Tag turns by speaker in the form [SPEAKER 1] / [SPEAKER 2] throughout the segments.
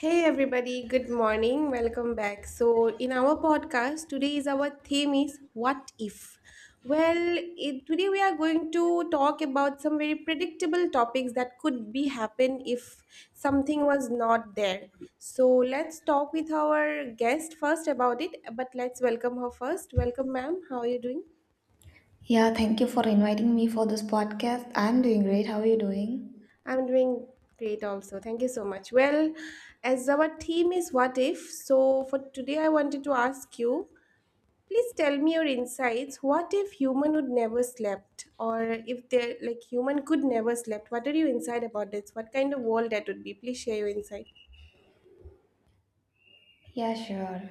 [SPEAKER 1] Hey everybody, good morning. Welcome back. So, in our podcast, today is our theme is what if. Well, today we are going to talk about some very predictable topics that could be happen if something was not there. So, let's talk with our guest first about it, but let's welcome her first. Welcome, ma'am. How are you doing?
[SPEAKER 2] Yeah, thank you for inviting me for this podcast. I'm doing great. How are you doing?
[SPEAKER 1] I'm doing great also. Thank you so much. Well, as our theme is what if, so for today I wanted to ask you. Please tell me your insights. What if human would never slept, or if they like human could never slept? What are your insight about this? What kind of world that would be? Please share your insight.
[SPEAKER 2] Yeah, sure.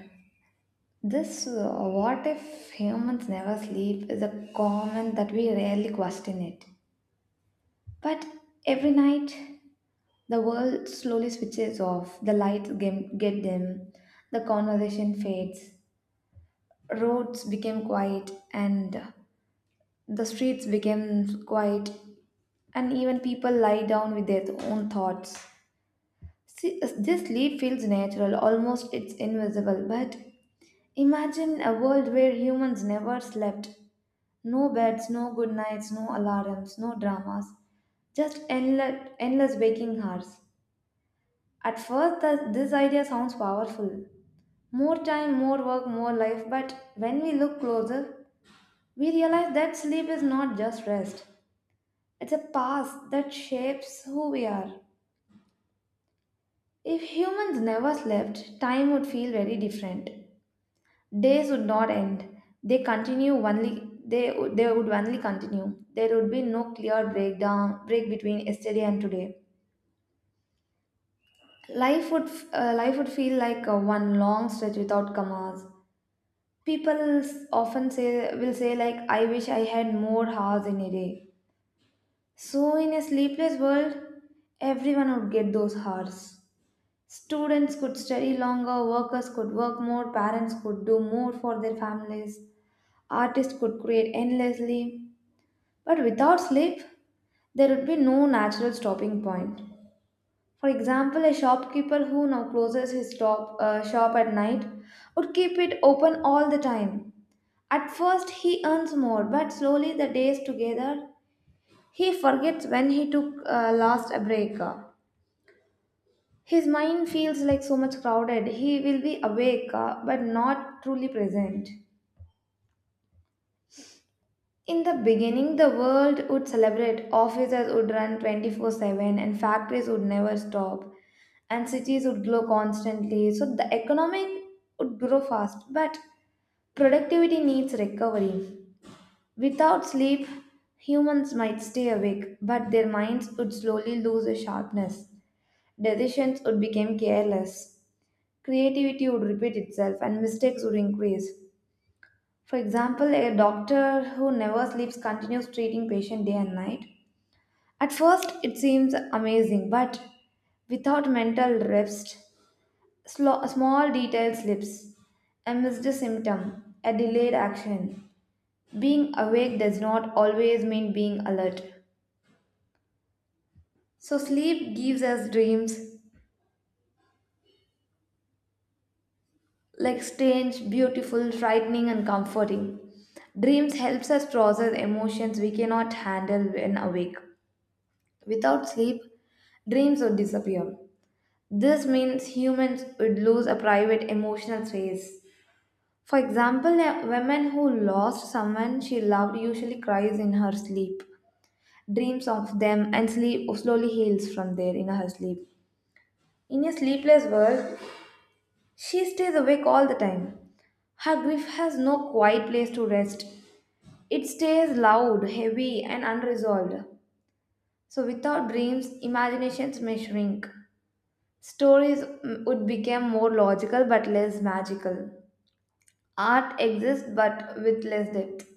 [SPEAKER 2] This what if humans never sleep is a comment that we rarely question it. But every night, the world slowly switches off, the lights get dim, the conversation fades, roads became quiet, and the streets became quiet, and even people lie down with their own thoughts. See, this leap feels natural, almost it's invisible. But imagine a world where humans never slept. No beds, no good nights, no alarms, no dramas. Just endless, endless waking hours. At first, this idea sounds powerful. More time, more work, more life. But when we look closer, we realize that sleep is not just rest. It's a past that shapes who we are. If humans never slept, time would feel very different. Days would not end. They continue only they, they would only continue. There would be no clear break between yesterday and today. Life life would feel like one long stretch without commas. Often say will say like I wish I had more hours in a day. So in a sleepless world, everyone would get those hours. Students could study longer, workers could work more, parents could do more for their families, artists could create endlessly. But without sleep, there would be no natural stopping point. For example, a shopkeeper who now closes his shop at night would keep it open all the time. At first, he earns more, but slowly the days together, he forgets when he took last a break. His mind feels like so much crowded. He will be awake but not truly present. In the beginning, the world would celebrate, offices would run 24/7, and factories would never stop, and cities would glow constantly. So the economic would grow fast, but productivity needs recovery. Without sleep, humans might stay awake, but their minds would slowly lose their sharpness. Decisions would become careless. Creativity would repeat itself and mistakes would increase. For example, a doctor who never sleeps continues treating patient day and night. At first, it seems amazing, but without mental rest, small detail slips, a missed symptom, a delayed action. Being awake does not always mean being alert. So, sleep gives us dreams, like strange, beautiful, frightening, and comforting. Dreams helps us process emotions we cannot handle when awake. Without sleep, dreams would disappear. This means humans would lose a private emotional space. For example, a woman who lost someone she loved usually cries in her sleep, dreams of them, and sleep slowly heals from there in her sleep. In a sleepless world, she stays awake all the time. Her grief has no quiet place to rest. It stays loud, heavy, and unresolved. So, without dreams, imaginations may shrink. Stories would become more logical but less magical. Art exists but with less depth.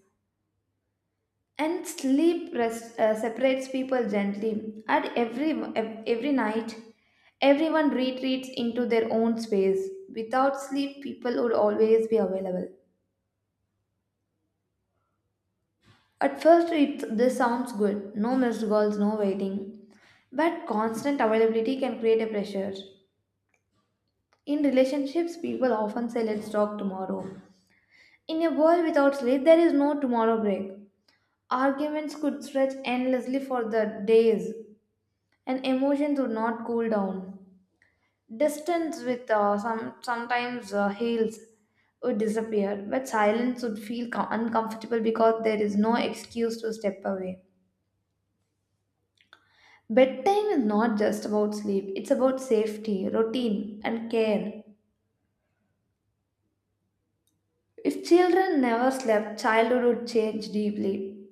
[SPEAKER 2] And sleep rest separates people gently. Every night, everyone retreats into their own space. Without sleep, people would always be available. At first, it this sounds good. No missed calls, no waiting. But constant availability can create a pressure. In relationships, people often say, "Let's talk tomorrow." In a world without sleep, there is no tomorrow break. Arguments could stretch endlessly for the days, and emotions would not cool down. Distance with some sometimes heals would disappear, but silence would feel uncomfortable because there is no excuse to step away. Bedtime is not just about sleep, it's about safety, routine, and care. If children never slept, childhood would change deeply.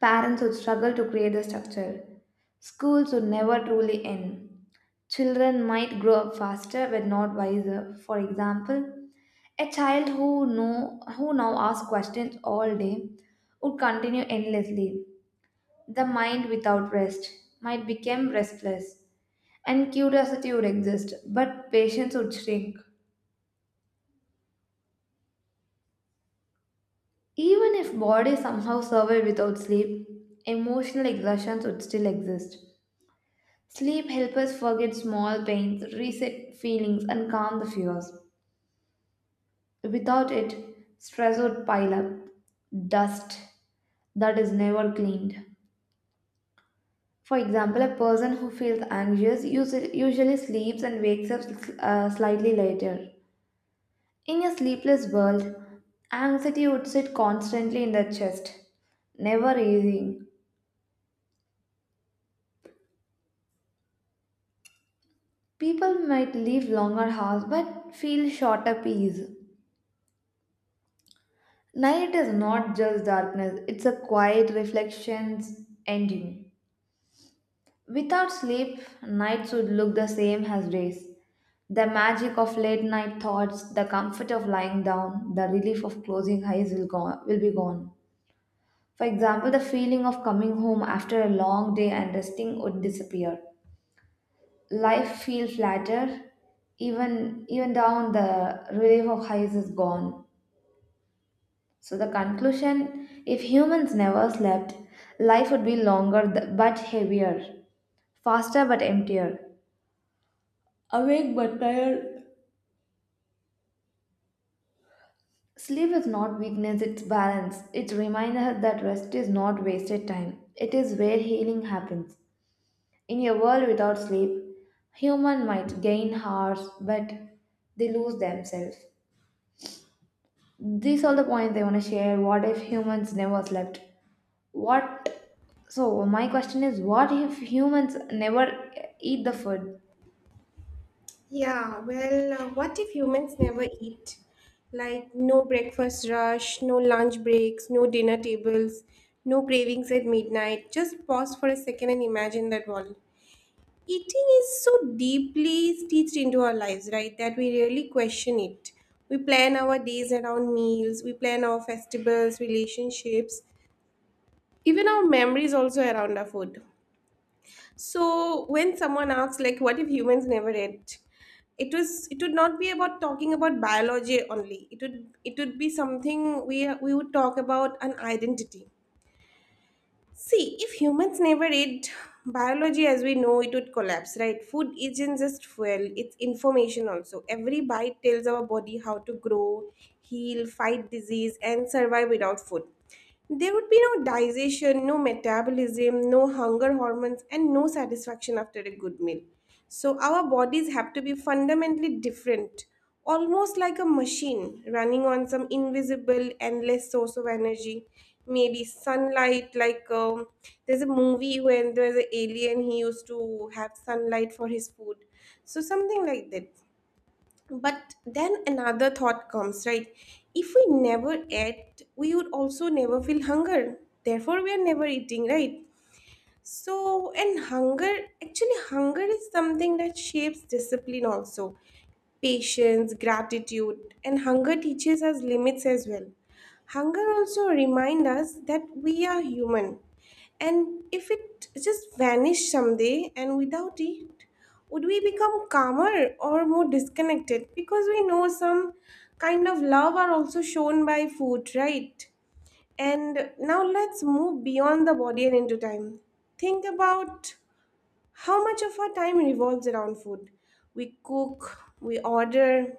[SPEAKER 2] Parents would struggle to create the structure. Schools would never truly end. Children might grow up faster but not wiser. For example, a child who now asks questions all day would continue endlessly. The mind without rest might become restless, and curiosity would exist, but patience would shrink. Even if body somehow survived without sleep, emotional exhaustion would still exist. Sleep helps us forget small pains, reset feelings, and calm the fears. Without it, stress would pile up, dust that is never cleaned. For example, a person who feels anxious usually sleeps and wakes up slightly later. In a sleepless world, anxiety would sit constantly in the chest, never easing. People might live longer hours but feel shorter peace. Night is not just darkness, it's a quiet reflection's ending. Without sleep, nights would look the same as days. The magic of late night thoughts, the comfort of lying down, the relief of closing eyes will be gone. For example, the feeling of coming home after a long day and resting would disappear. Life feels flatter, even down the relief of highs is gone. So the conclusion: if humans never slept, life would be but heavier, faster but emptier. Our sleep is not weakness; it's balance. It reminds us that rest is not wasted time. It is where healing happens. In a world without sleep, human might gain hours, but they lose themselves. These are the points I want to share. What if humans never slept? What? So my question is, what if humans never eat the food?
[SPEAKER 1] Yeah, well, what if humans never eat? Like no breakfast rush, no lunch breaks, no dinner tables, no cravings at midnight. Just pause for a second and imagine that world. Eating is so deeply stitched into our lives, right, that we really question it. We plan our days around meals, we plan our festivals, relationships, even our memories also around our food. So when someone asks like what if humans never ate? It would not be about talking about biology only. It would be something we would talk about an identity. See, if humans never ate biology as we know it would collapse, right? Food isn't just fuel, it's information also. Every bite tells our body how to grow, heal, fight disease, and survive without food. There would be no digestion, no metabolism, no hunger hormones, and no satisfaction after a good meal. So, our bodies have to be fundamentally different, almost like a machine running on some invisible, endless source of energy. Maybe sunlight, like there's a movie when there's an alien, he used to have sunlight for his food. So, something like that. But then another thought comes, right? If we never ate, we would also never feel hunger. Therefore, we are never eating, right? So, actually, hunger is something that shapes discipline also. Patience, gratitude, and hunger teaches us limits as well. Hunger also reminds us that we are human. And if it just vanished someday and without it, would we become calmer or more disconnected? Because we know some kind of love are also shown by food, right? And now let's move beyond the body and into time. Think about how much of our time revolves around food. We cook, we order,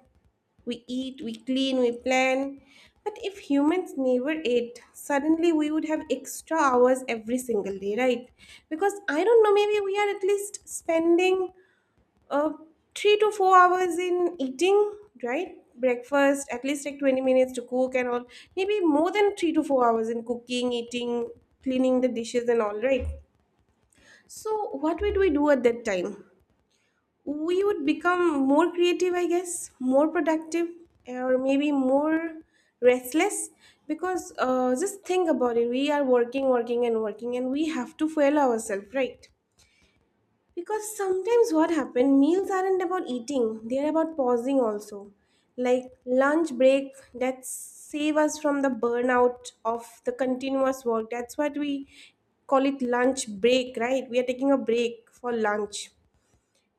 [SPEAKER 1] we eat, we clean, we plan. But if humans never ate, suddenly we would have extra hours every single day, right? Because I don't know, maybe we are at least spending uh, 3 to 4 hours in eating, right? Breakfast, at least like 20 minutes to cook and all. Maybe more than 3 to 4 hours in cooking, eating, cleaning the dishes and all, right? So, what would we do at that time? We would become more creative, I guess, more productive, or maybe more restless because just think about it, we are working working and working, and we have to fuel ourselves, right? Because sometimes what happened, meals aren't about eating, they're about pausing also. Like lunch break that save us from the burnout of the continuous work. That's what we call it lunch break, right? We are taking a break for lunch.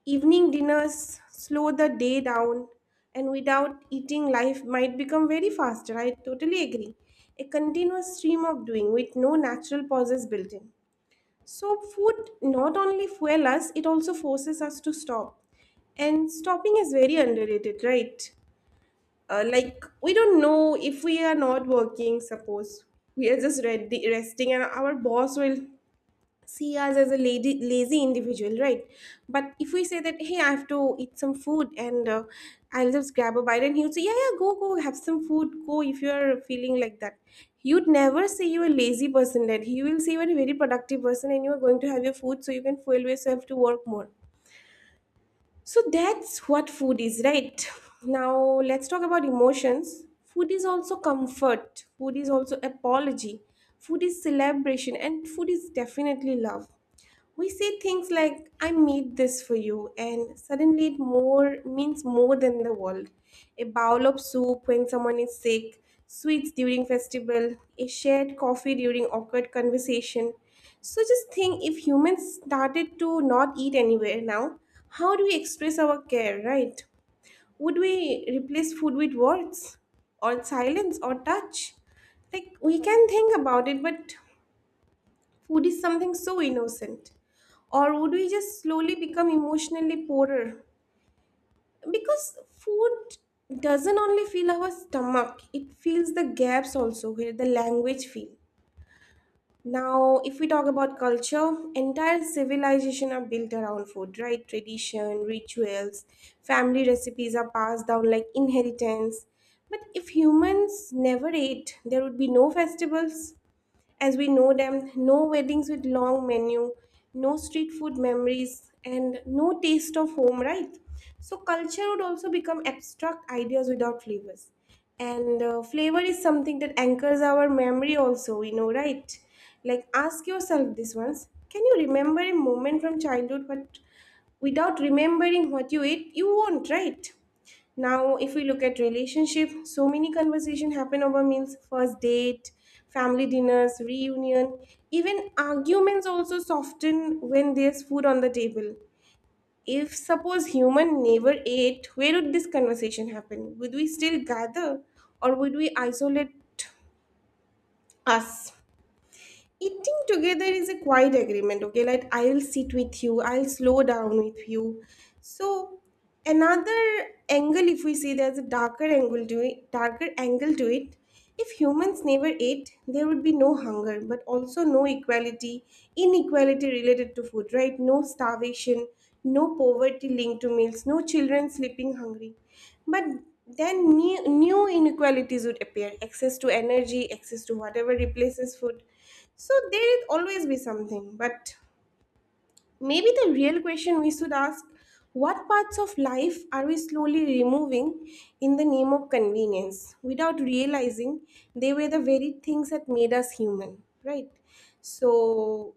[SPEAKER 1] Evening dinners slow the day down and without eating life might become very faster. I totally agree. A continuous stream of doing with no natural pauses built in. So, food not only fuel us, it also forces us to stop. And stopping is very underrated, right? Like, we don't know if we are not working, suppose we are just ready, resting, and our boss will see us as a lazy individual, right? But if we say that, hey, I have to eat some food and I'll just grab a bite, and he would say, yeah, yeah, go, go, have some food, go if you're feeling like that. You'd never say you're a lazy person, that he will say you're a very productive person and you're going to have your food so you can fuel yourself to work more. So that's what food is, right? Now let's talk about emotions. Food is also comfort, food is also apology, food is celebration, and food is definitely love. We say things like I made this for you, and suddenly it more means more than the world. A bowl of soup when someone is sick, sweets during festival, a shared coffee during awkward conversation. So just think, if humans started to not eat anywhere now, how do we express our care, right? Would we replace food with words or silence or touch? Like, we can think about it, but food is something so innocent. Or would we just slowly become emotionally poorer? Because food doesn't only fill our stomach, it fills the gaps also where the language fill. Now, if we talk about culture, entire civilization are built around food, right? Tradition, rituals, family recipes are passed down like inheritance. But if humans never ate, there would be no festivals, as we know them, no weddings with long menu, no street food memories, and no taste of home, right? So culture would also become abstract ideas without flavors. And flavor is something that anchors our memory, also, we know, right? Like, ask yourself this once, can you remember a moment from childhood but without remembering what you ate? You won't, right? Now, if we look at relationship, so many conversation happen over meals, first date, family dinners, reunion, even arguments also soften when there's food on the table. If suppose human never ate, where would this conversation happen? Would we still gather or would we isolate us? Eating together is a quiet agreement, okay? Like, I'll sit with you, I'll slow down with you. So another angle, if we see there's a darker angle to it. If humans never ate, there would be no hunger, but also no equality, inequality related to food, right? No starvation, no poverty linked to meals, no children sleeping hungry. But then new inequalities would appear, access to energy, access to whatever replaces food. So there will always be something, but maybe the real question we should ask, what parts of life are we slowly removing in the name of convenience without realizing they were the very things that made us human, right? So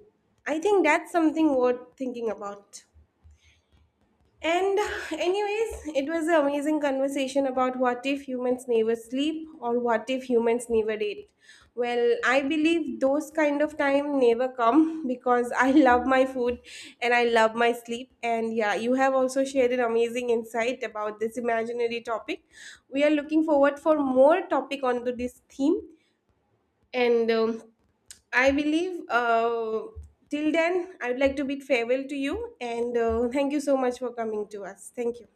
[SPEAKER 1] I think that's something worth thinking about. And, anyways, it was an amazing conversation about what if humans never sleep or what if humans never eat. Well, I believe those kind of time never come because I love my food and I love my sleep. And yeah, you have also shared an amazing insight about this imaginary topic. We are looking forward for more topic onto this theme. And I believe till then, I would like to bid farewell to you. And thank you so much for coming to us. Thank you.